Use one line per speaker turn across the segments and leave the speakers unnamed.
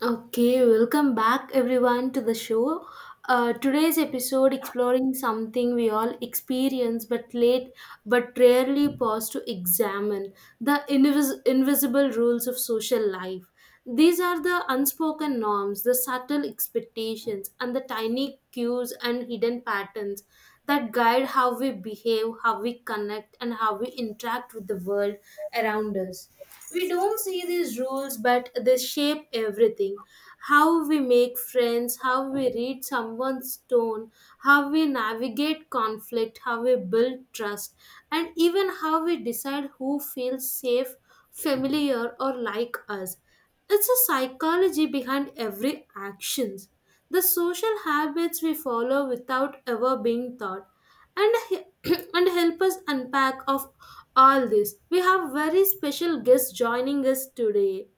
Okay, welcome back everyone to the show. Today's episode exploring something we all experience but late but rarely pause to examine the invisible rules of social life. These are the unspoken norms, the subtle expectations, and the tiny cues and hidden patterns that guide how we behave, how we connect, and how we interact with the world around us. We don't see these rules, but they shape everything. How we make friends, how we read someone's tone, how we navigate conflict, how we build trust, and even how we decide who feels safe, familiar, or like us. It's a psychology behind every actions. The social habits we follow without ever being taught and he- and help us unpack of all this, we have very special guest joining us today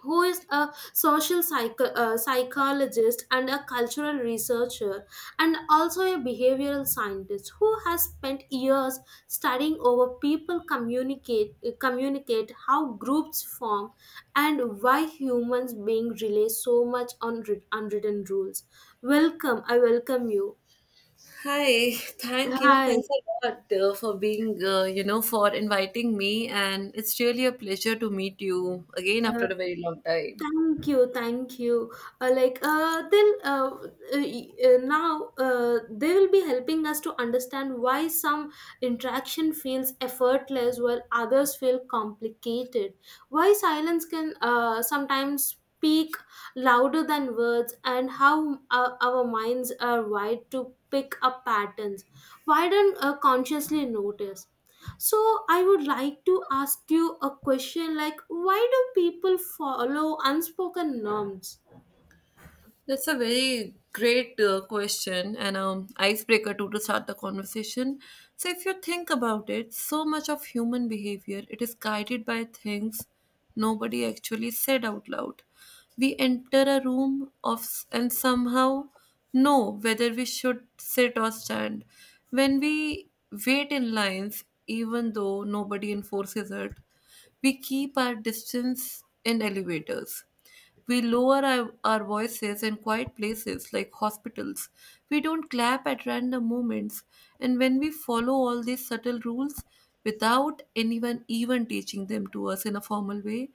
who is a psychologist and a cultural researcher and also a behavioral scientist who has spent years studying over people communicate, communicate how groups form and why humans being rely so much on unwritten rules. Welcome. I welcome you.
Hi, thank you.
Hi.
Thanks a lot for being, for inviting me. And it's really a pleasure to meet you again after a very long time.
Thank you, thank you. Like they'll now they will be helping us to understand why some interaction feels effortless while others feel complicated. Why silence can sometimes speak louder than words, and how our minds are wired to pick up patterns. Why don't consciously notice? So I would like to ask you a question, like, why do people follow unspoken norms?
That's a very great question and icebreaker too to start the conversation. So if you think about it, so much of human behavior it is guided by things nobody actually said out loud. We enter a room and somehow know whether we should sit or stand. When we wait in lines, even though nobody enforces it, we keep our distance in elevators. We lower our voices in quiet places like hospitals. We don't clap at random moments. And when we follow all these subtle rules without anyone even teaching them to us in a formal way,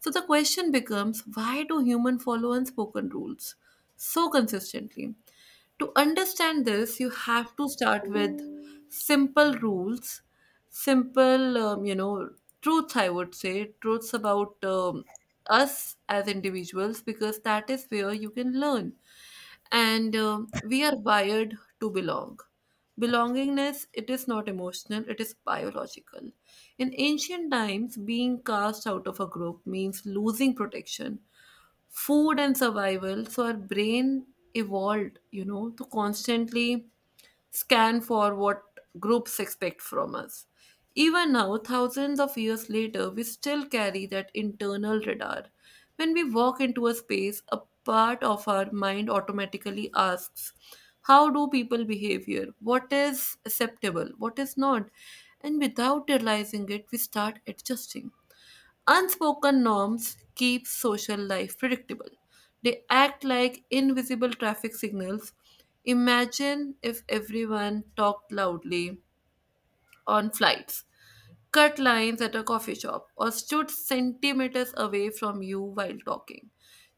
so the question becomes, why do humans follow unspoken rules so consistently? To understand this, you have to start with simple rules simple, truths, I would say, truths about us as individuals, because that is where you can learn. And we are wired to belong. Belongingness, it is not emotional, it is biological. In ancient times, being cast out of a group means losing protection, food, and survival. So our brain evolved, to constantly scan for what groups expect from us. Even now, thousands of years later, we still carry that internal radar. When we walk into a space, a part of our mind automatically asks, how do people behave here? What is acceptable? What is not? And without realizing it, we start adjusting. Unspoken norms keep social life predictable. They act like invisible traffic signals. Imagine if everyone talked loudly on flights, cut lines at a coffee shop, or stood centimeters away from you while talking.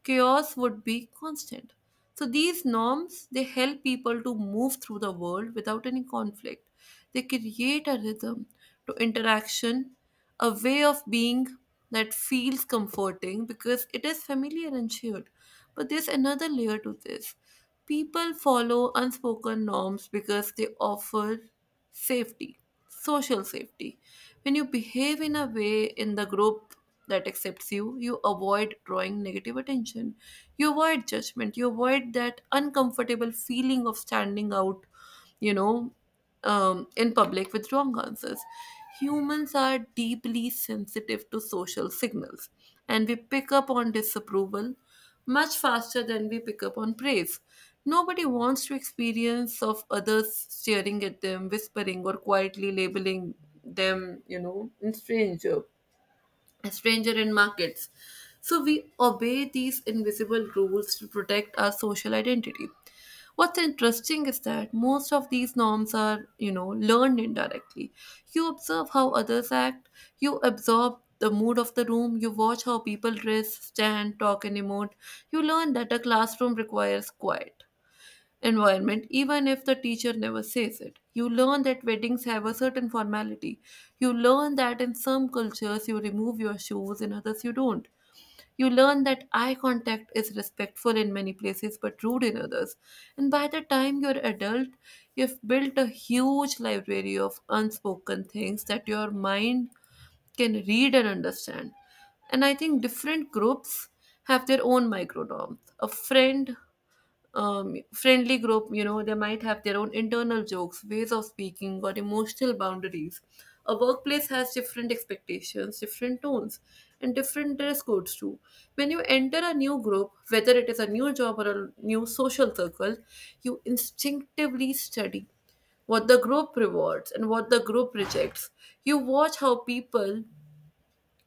Chaos would be constant. So these norms, they help people to move through the world without any conflict. They create a rhythm to interaction, a way of being that feels comforting because it is familiar and shared. But there's another layer to this. People follow unspoken norms because they offer safety, social safety. When you behave in a way in the group that accepts you, you avoid drawing negative attention, you avoid judgment, you avoid that uncomfortable feeling of standing out, you know in public with wrong answers. Humans are deeply sensitive to social signals, and we pick up on disapproval much faster than we pick up on praise. Nobody wants to experience of others staring at them, whispering, or quietly labeling them, a stranger in markets. So we obey these invisible rules to protect our social identity. What's interesting is that most of these norms are, learned indirectly. You observe how others act, you absorb the mood of the room, you watch how people dress, stand, talk, and emote. You learn that a classroom requires quiet environment, even if the teacher never says it. You learn that weddings have a certain formality. You learn that in some cultures you remove your shoes, in others you don't. You learn that eye contact is respectful in many places but rude in others. And by the time you're adult, you've built a huge library of unspoken things that your mind can read and understand. And I think different groups have their own micro norms. A friendly group, they might have their own internal jokes, ways of speaking, or emotional boundaries. A workplace has different expectations, different tones, and different dress codes too. When you enter a new group, whether it is a new job or a new social circle, you instinctively study what the group rewards and what the group rejects. You watch how people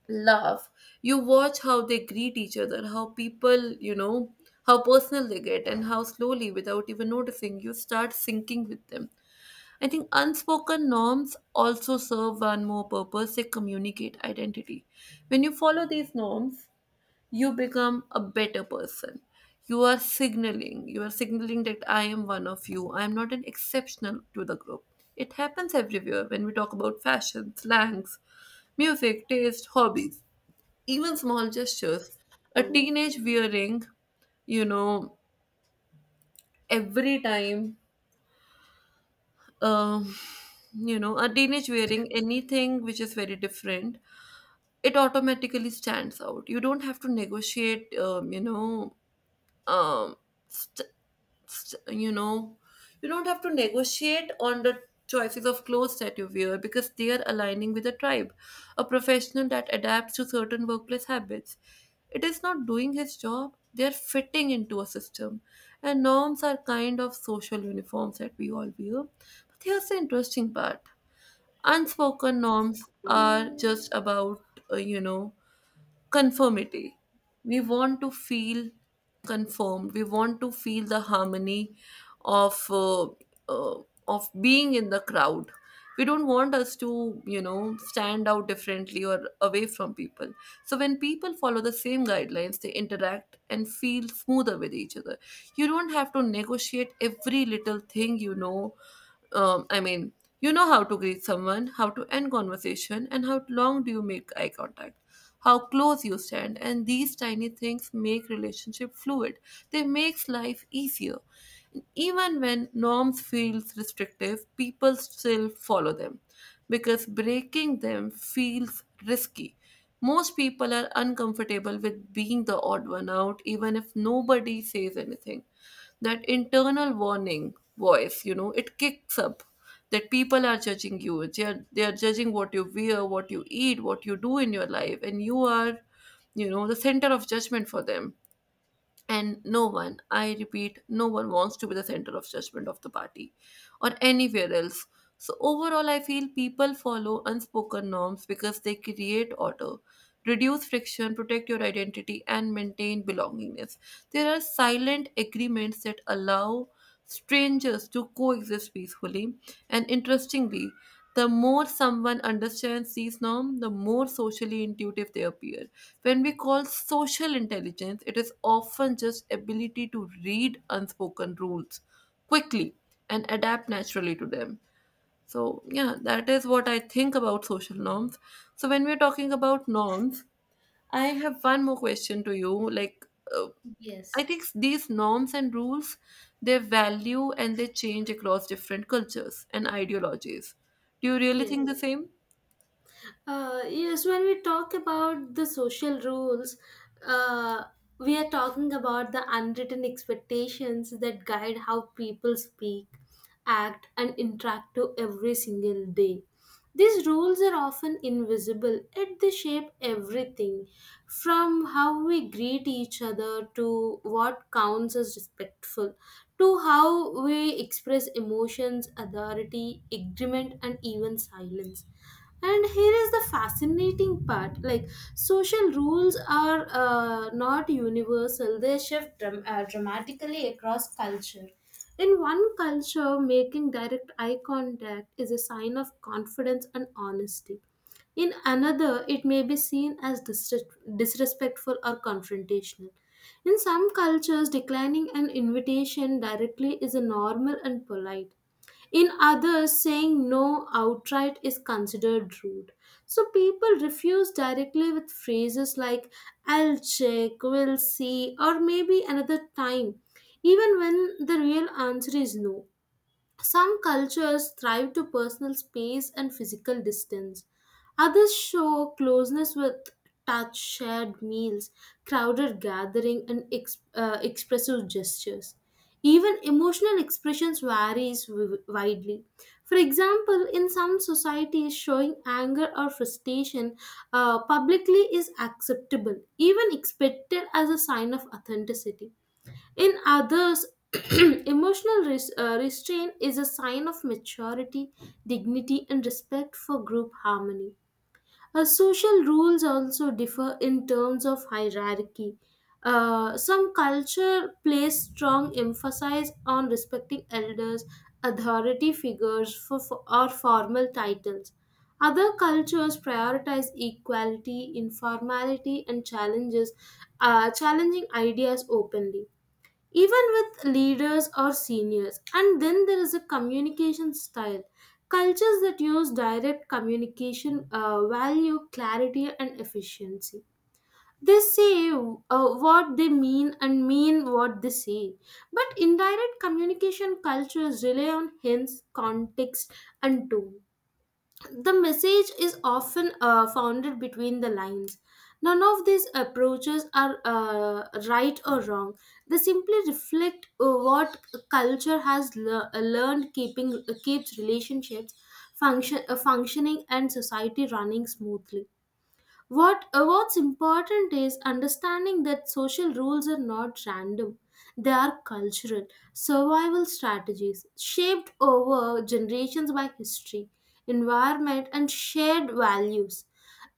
laugh, you watch how they greet each other, how people, how personal they get, and how slowly, without even noticing, you start syncing with them. I think unspoken norms also serve one more purpose: they communicate identity. When you follow these norms, you become a better person. You are signaling that I am one of you, I am not an exceptional to the group. It happens everywhere when we talk about fashion, slangs, music taste, hobbies, even small gestures. A teenage wearing you know every time um you know a teenage wearing anything which is very different, it automatically stands out. You don't have to negotiate um st- you know you don't have to negotiate on the choices of clothes that you wear because they are aligning with a tribe. A professional that adapts to certain workplace habits, it is not doing his job, they are fitting into a system. And norms are kind of social uniforms that we all wear. But here's the interesting part: unspoken norms are just about uh, you know conformity. We want to feel conformed. We want to feel the harmony of uh, uh, of being in the crowd. We don't want us to, stand out differently or away from people. So when people follow the same guidelines, they interact and feel smoother with each other. You don't have to negotiate every little thing, I mean, you know how to greet someone, how to end conversation, and how long do you make eye contact, how close you stand, and these tiny things make relationship fluid. They makes life easier. Even when norms feels restrictive, people still follow them because breaking them feels risky. Most people are uncomfortable with being the odd one out, even if nobody says anything. That internal warning voice, it kicks up that people are judging you, they are judging what you wear, what you eat, what you do in your life, and you are, the center of judgment for them. And no one, I repeat, no one wants to be the center of judgment of the party or anywhere else. So, overall, I feel people follow unspoken norms because they create order, reduce friction, protect your identity, and maintain belongingness. There are silent agreements that allow strangers to coexist peacefully, and interestingly, the more someone understands these norms, the more socially intuitive they appear. When we call social intelligence, it is often just ability to read unspoken rules quickly and adapt naturally to them. So, yeah, that is what I think about social norms. So, when we're talking about norms, I have one more question to you. Like, uh, I
Yes.
think these norms and rules, they value and they change across different cultures and ideologies. Do you really
Yes.
think the same?
Yes, when we talk about the social rules, uh, we are talking about the unwritten expectations that guide how people speak, act, and interact to every single day. These rules are often invisible, yet they shape everything from how we greet each other to what counts as respectful, to how we express emotions, authority, agreement, and even silence. And here is the fascinating part, like, social rules are not universal. They shift dramatically across culture. In one culture, making direct eye contact is a sign of confidence and honesty. In another, it may be seen as disrespectful or confrontational. In some cultures, declining an invitation directly is a normal and polite. In others, saying no outright is considered rude. So people refuse directly with phrases like I'll check, we'll see, or maybe another time, even when the real answer is no. Some cultures thrive to personal space and physical distance. Others show closeness with touch, shared meals, crowded gathering, and expressive gestures. Even emotional expressions varies widely. For example, in some societies, showing anger or frustration publicly is acceptable, even expected as a sign of authenticity. In others, emotional restraint is a sign of maturity, dignity, and respect for group harmony. Social rules also differ in terms of hierarchy. Some culture place strong emphasis on respecting elders, authority figures, or formal titles. Other cultures prioritize equality, informality, and challenging ideas openly, even with leaders or seniors. And then there is a communication style. Cultures that use direct communication value clarity and efficiency. They say what they mean and mean what they say. But indirect communication cultures rely on hints, context, and tone. The message is often founded between the lines. None of these approaches are right or wrong. They simply reflect what culture has learned keeping keeps relationships functioning and society running smoothly. What what's important is understanding that social rules are not random. They are cultural survival strategies shaped over generations by history, environment, and shared values.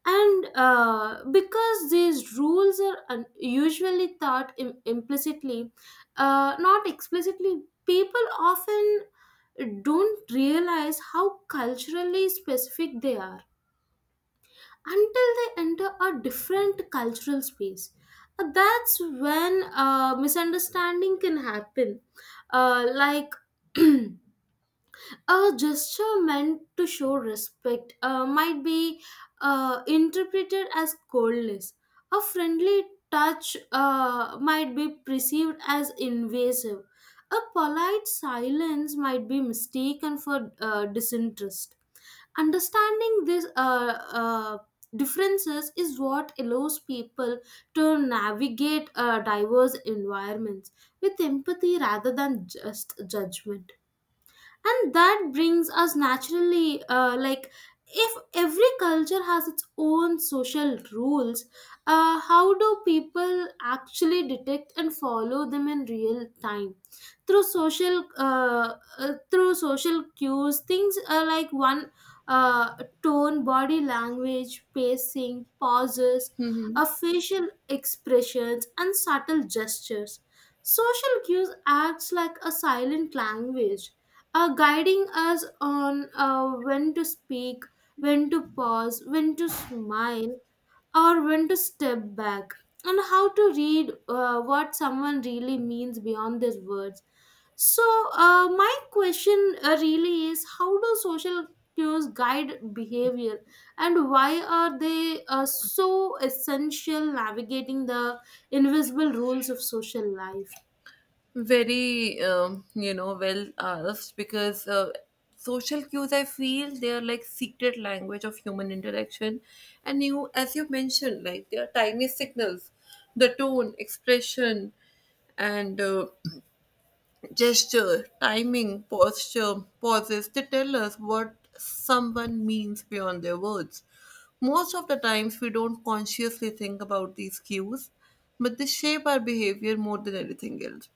And because these rules are usually taught implicitly, not explicitly, people often don't realize how culturally specific they are until they enter a different cultural space. That's when misunderstanding can happen. Like, a gesture meant to show respect might be interpreted as coldness. A friendly touch might be perceived as invasive. A polite silence might be mistaken for disinterest. Understanding these differences is what allows people to navigate diverse environments with empathy rather than just judgment. And that brings us naturally, like, if every culture has its own social rules, how do people actually detect and follow them in real time? Through social through social cues, things like one uh, tone, body language, pacing, pauses,
Hmm.
facial expressions, and subtle gestures. Social cues acts like a silent language, are guiding us on when to speak, when to pause, when to smile, or when to step back, and how to read what someone really means beyond their words. So, my question really is, how do social cues guide behavior, and why are they so essential navigating the invisible rules of social life?
Very, well asked because social cues, I feel, they are like secret language of human interaction. And you, as you mentioned, like they are tiny signals, the tone, expression, and gesture, timing, posture, pauses, they tell us what someone means beyond their words. Most of the times, we don't consciously think about these cues, but they shape our behavior more than anything else.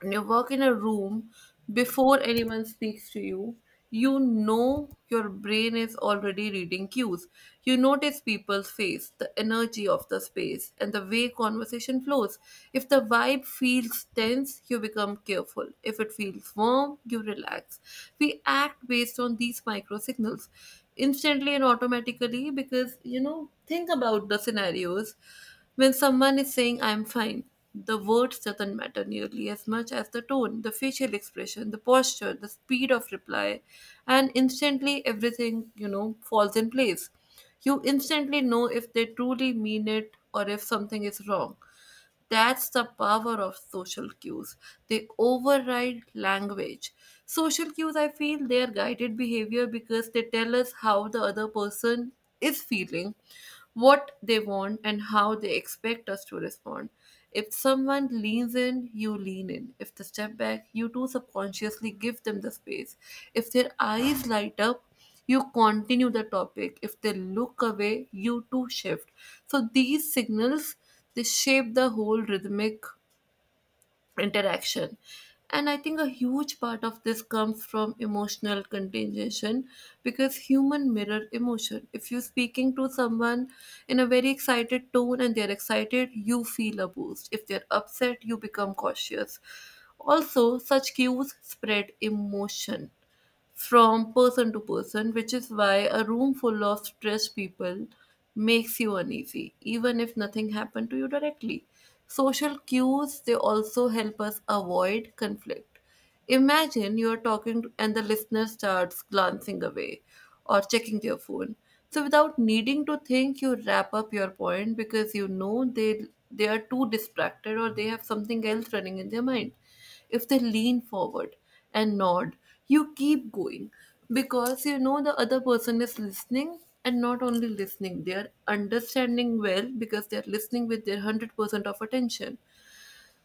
When you work in a room, before anyone speaks to you, you know your brain is already reading cues. You notice people's face, the energy of the space, and the way conversation flows. If the vibe feels tense, you become careful. If it feels warm, you relax. We act based on these micro signals instantly and automatically because, think about the scenarios when someone is saying I'm fine. The words doesn't matter nearly as much as the tone, the facial expression, the posture, the speed of reply, and instantly everything, falls in place. You instantly know if they truly mean it or if something is wrong. That's the power of social cues. They override language. Social cues, I feel, they are guided behavior because they tell us how the other person is feeling, what they want, and how they expect us to respond. If someone leans in, you lean in. If they step back, you too subconsciously give them the space. If their eyes light up, you continue the topic. If they look away, you too shift. So these signals, they shape the whole rhythmic interaction. And I think a huge part of this comes from emotional contagion because human mirror emotion. If you're speaking to someone in a very excited tone and they're excited, you feel a boost. If they're upset, you become cautious. Also, such cues spread emotion from person to person, which is why a room full of stressed people makes you uneasy, even if nothing happened to you directly. Social cues, they also help us avoid conflict. Imagine you are talking and the listener starts glancing away or checking their phone. So without needing to think, you wrap up your point because you know they are too distracted or they have something else running in their mind. If they lean forward and nod, you keep going because you know the other person is listening, and not only listening, they are understanding well because they are listening with their 100% of attention.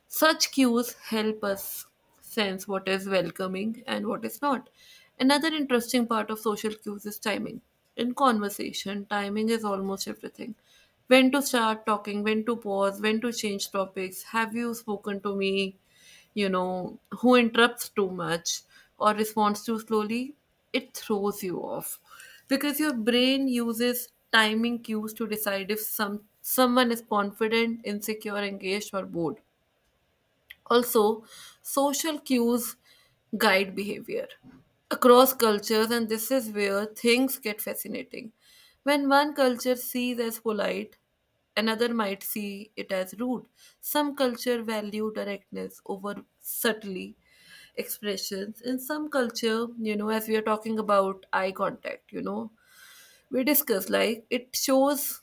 Such cues help us sense what is welcoming and what is not. Another interesting part of social cues is timing. In conversation, timing is almost everything. When to start talking, when to pause, when to change topics. Have you spoken to me, you know, who interrupts too much or responds too slowly? It throws you off because your brain uses timing cues to decide if someone is confident, insecure, engaged, or bored. Also, social cues guide behavior across cultures, and this is where things get fascinating. When one culture sees as polite, another might see it as rude. Some culture value directness over subtly expressions. In some culture, you know, as we are talking about eye contact, you know, we discuss like it shows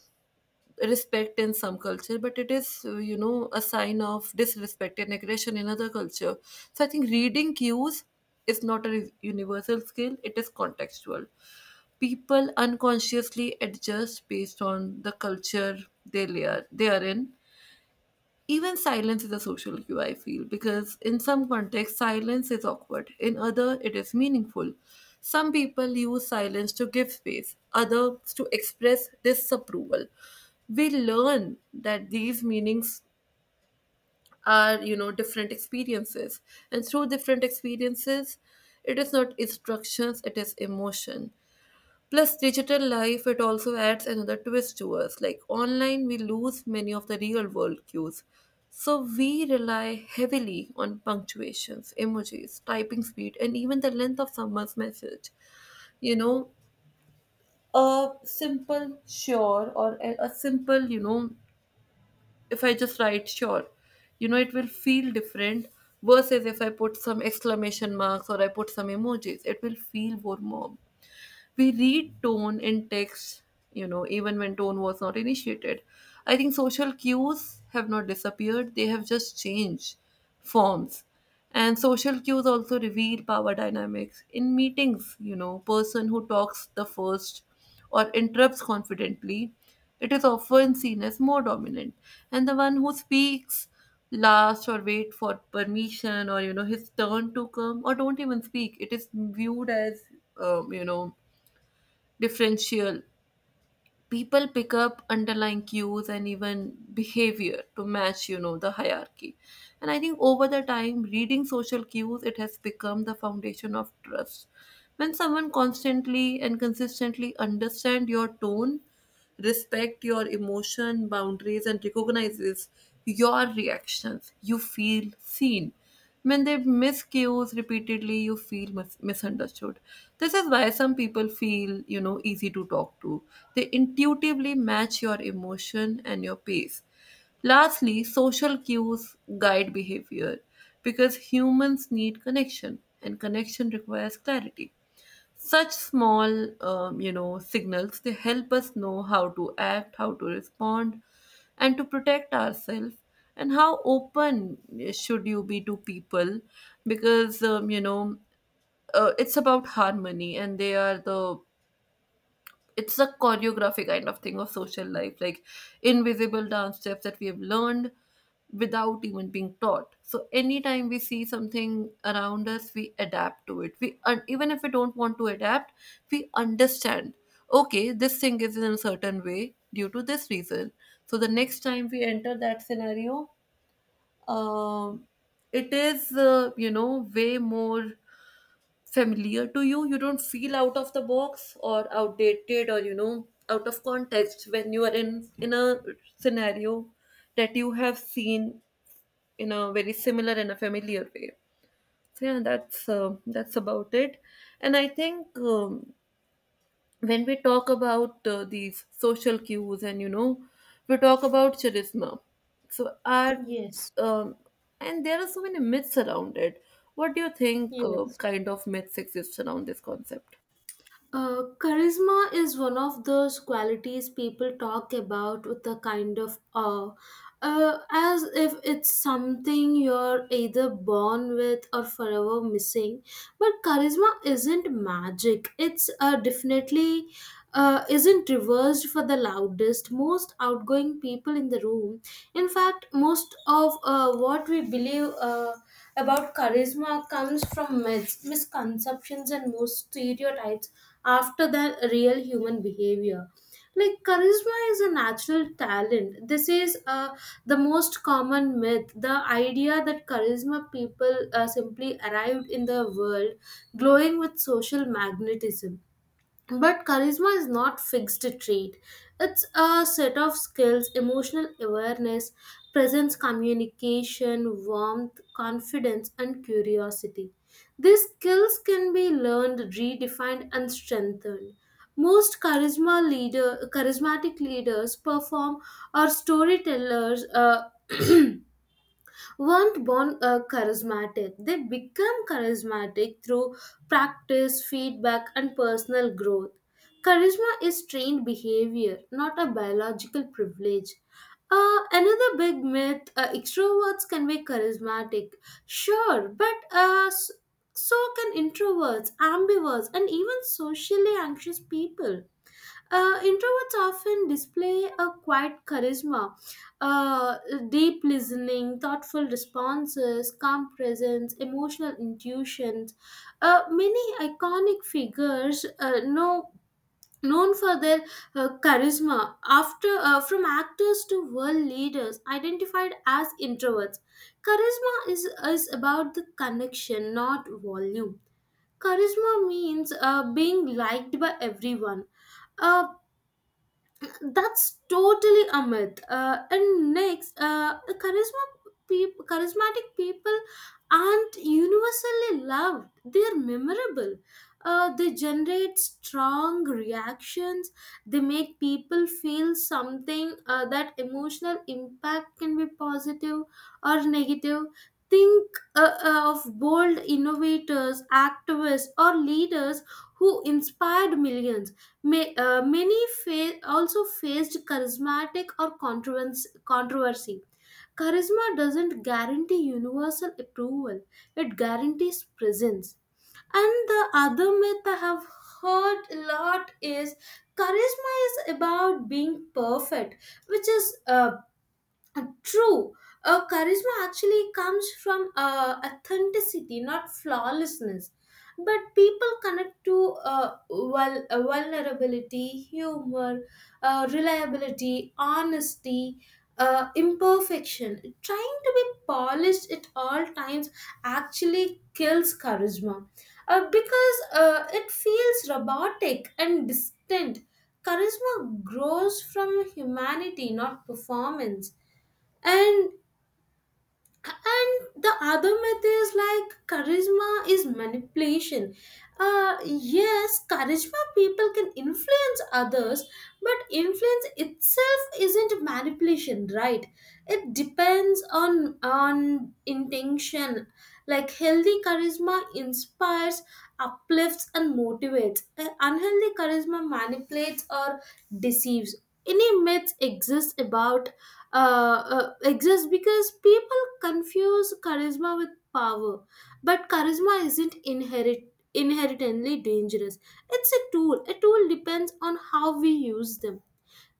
respect in some culture, but it is you know, a sign of disrespect and aggression in other culture. So I think reading cues is not a universal skill, it is contextual. People unconsciously adjust based on the culture they are in. Even silence is a social cue, I feel, because in some contexts, silence is awkward. In other, it is meaningful. Some people use silence to give space, others to express disapproval. We learn that these meanings are, you know, different experiences. And through different experiences, it is not instructions, it is emotion. Plus, digital life, it also adds another twist to us. Like online, we lose many of the real world cues. So we rely heavily on punctuations, emojis, typing speed, and even the length of someone's message. You know, a simple sure or a simple, you know, if I just write sure, you know, it will feel different versus if I put some exclamation marks or I put some emojis. It will feel more, more, we read tone in text, you know, even when tone was not initiated. I think social cues have not disappeared, they have just changed forms. And social cues also reveal power dynamics in meetings. You know, person who talks the first or interrupts confidently, it is often seen as more dominant, and the one who speaks last or wait for permission or, you know, his turn to come or don't even speak, it is viewed as you know, differential. People pick up underlying cues and even behavior to match, you know, the hierarchy. And I think over the time, reading social cues, it has become the foundation of trust. When someone constantly and consistently understand your tone, respect your emotion boundaries, and recognizes your reactions, you feel seen. When they miss cues repeatedly, you feel misunderstood. This is why some people feel, you know, easy to talk to. They intuitively match your emotion and your pace. Lastly, social cues guide behavior because humans need connection and connection requires clarity. Such small, you know, signals, they help us know how to act, how to respond, and to protect ourselves. And how open should you be to people? Because you know, it's about harmony, and they are the, it's a choreography kind of thing of social life, like invisible dance steps that we have learned without even being taught. So anytime we see something around us, we adapt to it, we, and even if we don't want to adapt, we understand, okay, this thing is in a certain way due to this reason. So the next time we enter that scenario, um it is you know, way more familiar to you. You don't feel out of the box or outdated or, you know, out of context when you are in a scenario that you have seen in a very similar and a familiar way. So yeah, that's about it. And I think when we talk about these social cues and, you know, we talk about charisma, so our
Yes.
um, and there are so many myths around it. What do you think
Yes.
kind of myths exist around this concept?
Charisma is one of those qualities people talk about with a kind of awe, as if it's something you're either born with or forever missing. But charisma isn't magic. It's definitely isn't reversed for the loudest, most outgoing people in the room. In fact, most of what we believe about charisma comes from myths, misconceptions, and most stereotypes after the real human behavior. Like, charisma is a natural talent. This is the most common myth, the idea that charisma people simply arrived in the world glowing with social magnetism. But charisma is not fixed trait. It's a set of skills, emotional awareness, presence, communication, warmth, confidence, and curiosity. These skills can be learned, redefined, and strengthened. Most charismatic leaders perform or storytellers weren't born charismatic. They become charismatic through practice, feedback, and personal growth. Charisma is trained behavior, not a biological privilege. Another big myth, extroverts can be charismatic. Sure, but so can introverts, ambiverts, and even socially anxious people. Introverts often display a quiet charisma, uh, deep listening, thoughtful responses, calm presence, emotional intuitions. Many iconic figures known for their charisma after, from actors to world leaders, identified as introverts. Charisma is about the connection, not volume. Charisma means being liked by everyone. uh, that's totally a myth. And next, charismatic people aren't universally loved. They're memorable. They generate strong reactions. They make people feel something. That emotional impact can be positive or negative. Think of bold innovators, activists, or leaders who inspired millions. May, many also faced charismatic or controversy. Charisma doesn't guarantee universal approval, it guarantees presence. And the other myth I have heard a lot is charisma is about being perfect, which is true. Charisma actually comes from authenticity, not flawlessness. But people connect to vulnerability, humor, reliability, honesty, imperfection. Trying to be polished at all times actually kills charisma because it feels robotic and distant. Charisma grows from humanity, not performance. and and the other myth is, like, charisma is manipulation. Yes, charisma people can influence others, but influence itself isn't manipulation, right? It depends on intention. Like, healthy charisma inspires, uplifts, and motivates. Unhealthy charisma manipulates or deceives. Any myths exist about exists because people confuse charisma with power. But charisma isn't inherit inherently dangerous. It's a tool. A tool depends on how we use them.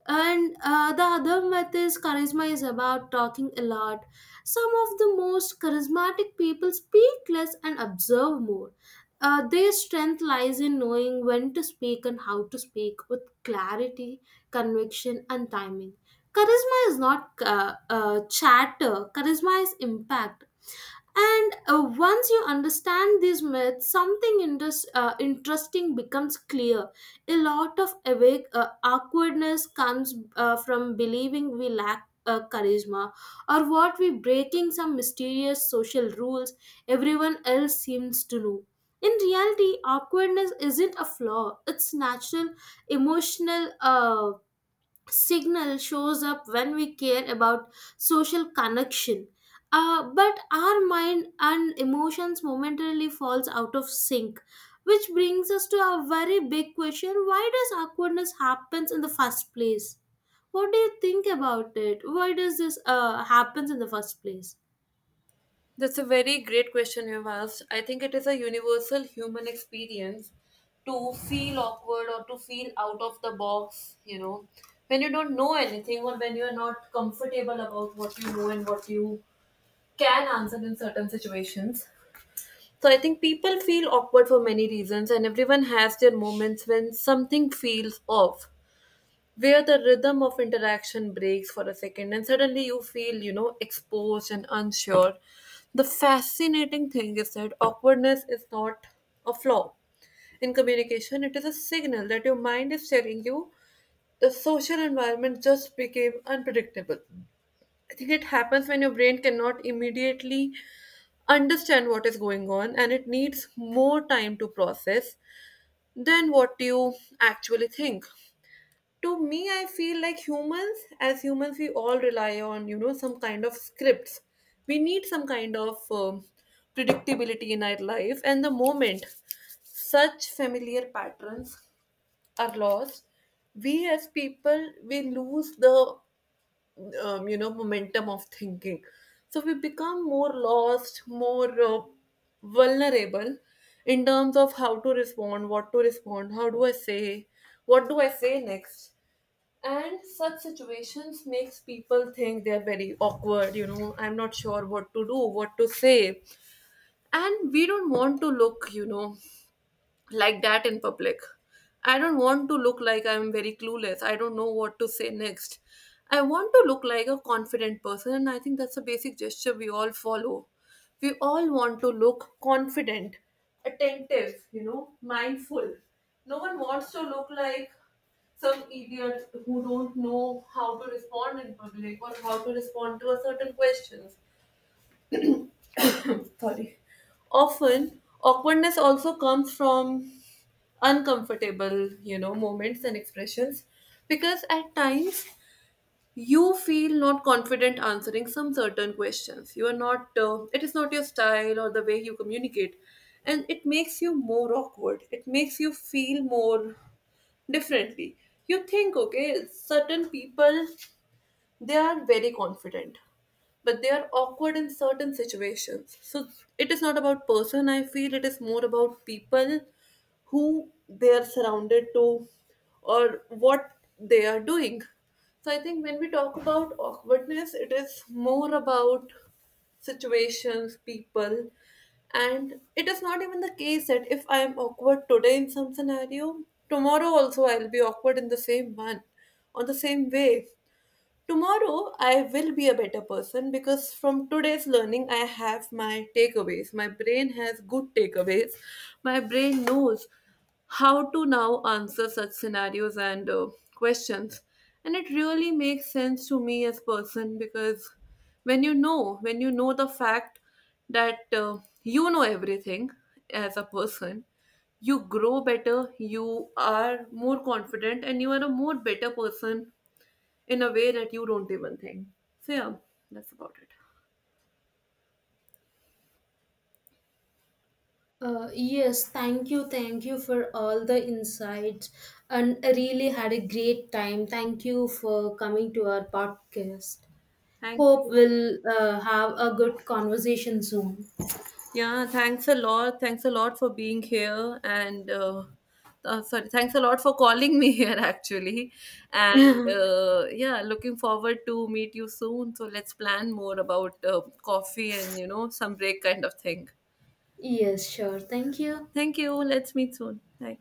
And the other myth is charisma is about talking a lot. Some of the most charismatic people speak less and observe more. Their strength lies in knowing when to speak and how to speak with clarity, conviction, and timing. Charisma is not chatter, charisma is impact. And once you understand these myths, something interesting becomes clear. A lot of awake awkwardness comes from believing we lack charisma, or what we breaking some mysterious social rules everyone else seems to know. In reality, awkwardness isn't a flaw. It's natural, emotional. Signal shows up when we care about social connection, but our mind and emotions momentarily falls out of sync, which brings us to a very big question: why does awkwardness happens in the first place? What do you think about it? Why does this happens in the first place?
That's a very great question you've asked. I think it is a universal human experience to feel awkward or to feel out of the box, you know, when you don't know anything or when you're not comfortable about what you know and what you can answer in certain situations. So I think people feel awkward for many reasons, and everyone has their moments when something feels off, where the rhythm of interaction breaks for a second and suddenly you feel, you know, exposed and unsure. The fascinating thing is that awkwardness is not a flaw in communication, it is a signal that your mind is telling you the social environment just became unpredictable. I think it happens when your brain cannot immediately understand what is going on, and it needs more time to process than what you actually think. To me, I feel like humans, as humans, we all rely on, you know, some kind of scripts. We need some kind of predictability in our life, and the moment such familiar patterns are lost, we as people, we lose the you know, momentum of thinking. So we become more lost, more vulnerable in terms of how to respond, what to respond, how do I say, what do I say next. And such situations makes people think they're very awkward, you know, I'm not sure what to do, what to say. And we don't want to look, you know, like that in public. I don't want to look like I'm very clueless. I don't know what to say next. I want to look like a confident person, and I think that's a basic gesture we all follow. We all want to look confident, attentive, you know, mindful. No one wants to look like some idiot who don't know how to respond in public or how to respond to a certain questions, sorry. Often, awkwardness also comes from uncomfortable, you know, moments and expressions, because at times you feel not confident answering some certain questions. You are not, it is not your style or the way you communicate, and it makes you more awkward. It makes you feel more differently. You think, okay, certain people, they are very confident, but they are awkward in certain situations. So it is not about person, I feel, it is more about people who they are surrounded to or what they are doing. So I think when we talk about awkwardness, it is more about situations, people, and it is not even the case that if I am awkward today in some scenario, tomorrow also I'll be awkward in the same one or the same way. Tomorrow, I will be a better person because from today's learning, I have my takeaways. My brain has good takeaways. My brain knows how to now answer such scenarios and questions. And it really makes sense to me as person, because when you know the fact that you know everything as a person, you grow better, you are more confident, and you are a more better person in a way that you don't even think. So yeah, that's about it.
Uh, yes, thank you for all the insights, and I really had a great time. Thank you for coming to our podcast.
Thank
Hope
you.
we'll have a good conversation soon.
Yeah, thanks a lot. Thanks a lot for being here and sorry, Thanks a lot for calling me here actually. And yeah, looking forward to meet you soon. So let's plan more about coffee and, you know, some break kind of thing.
Yes, sure. Thank you.
Thank you. Let's meet soon. Bye.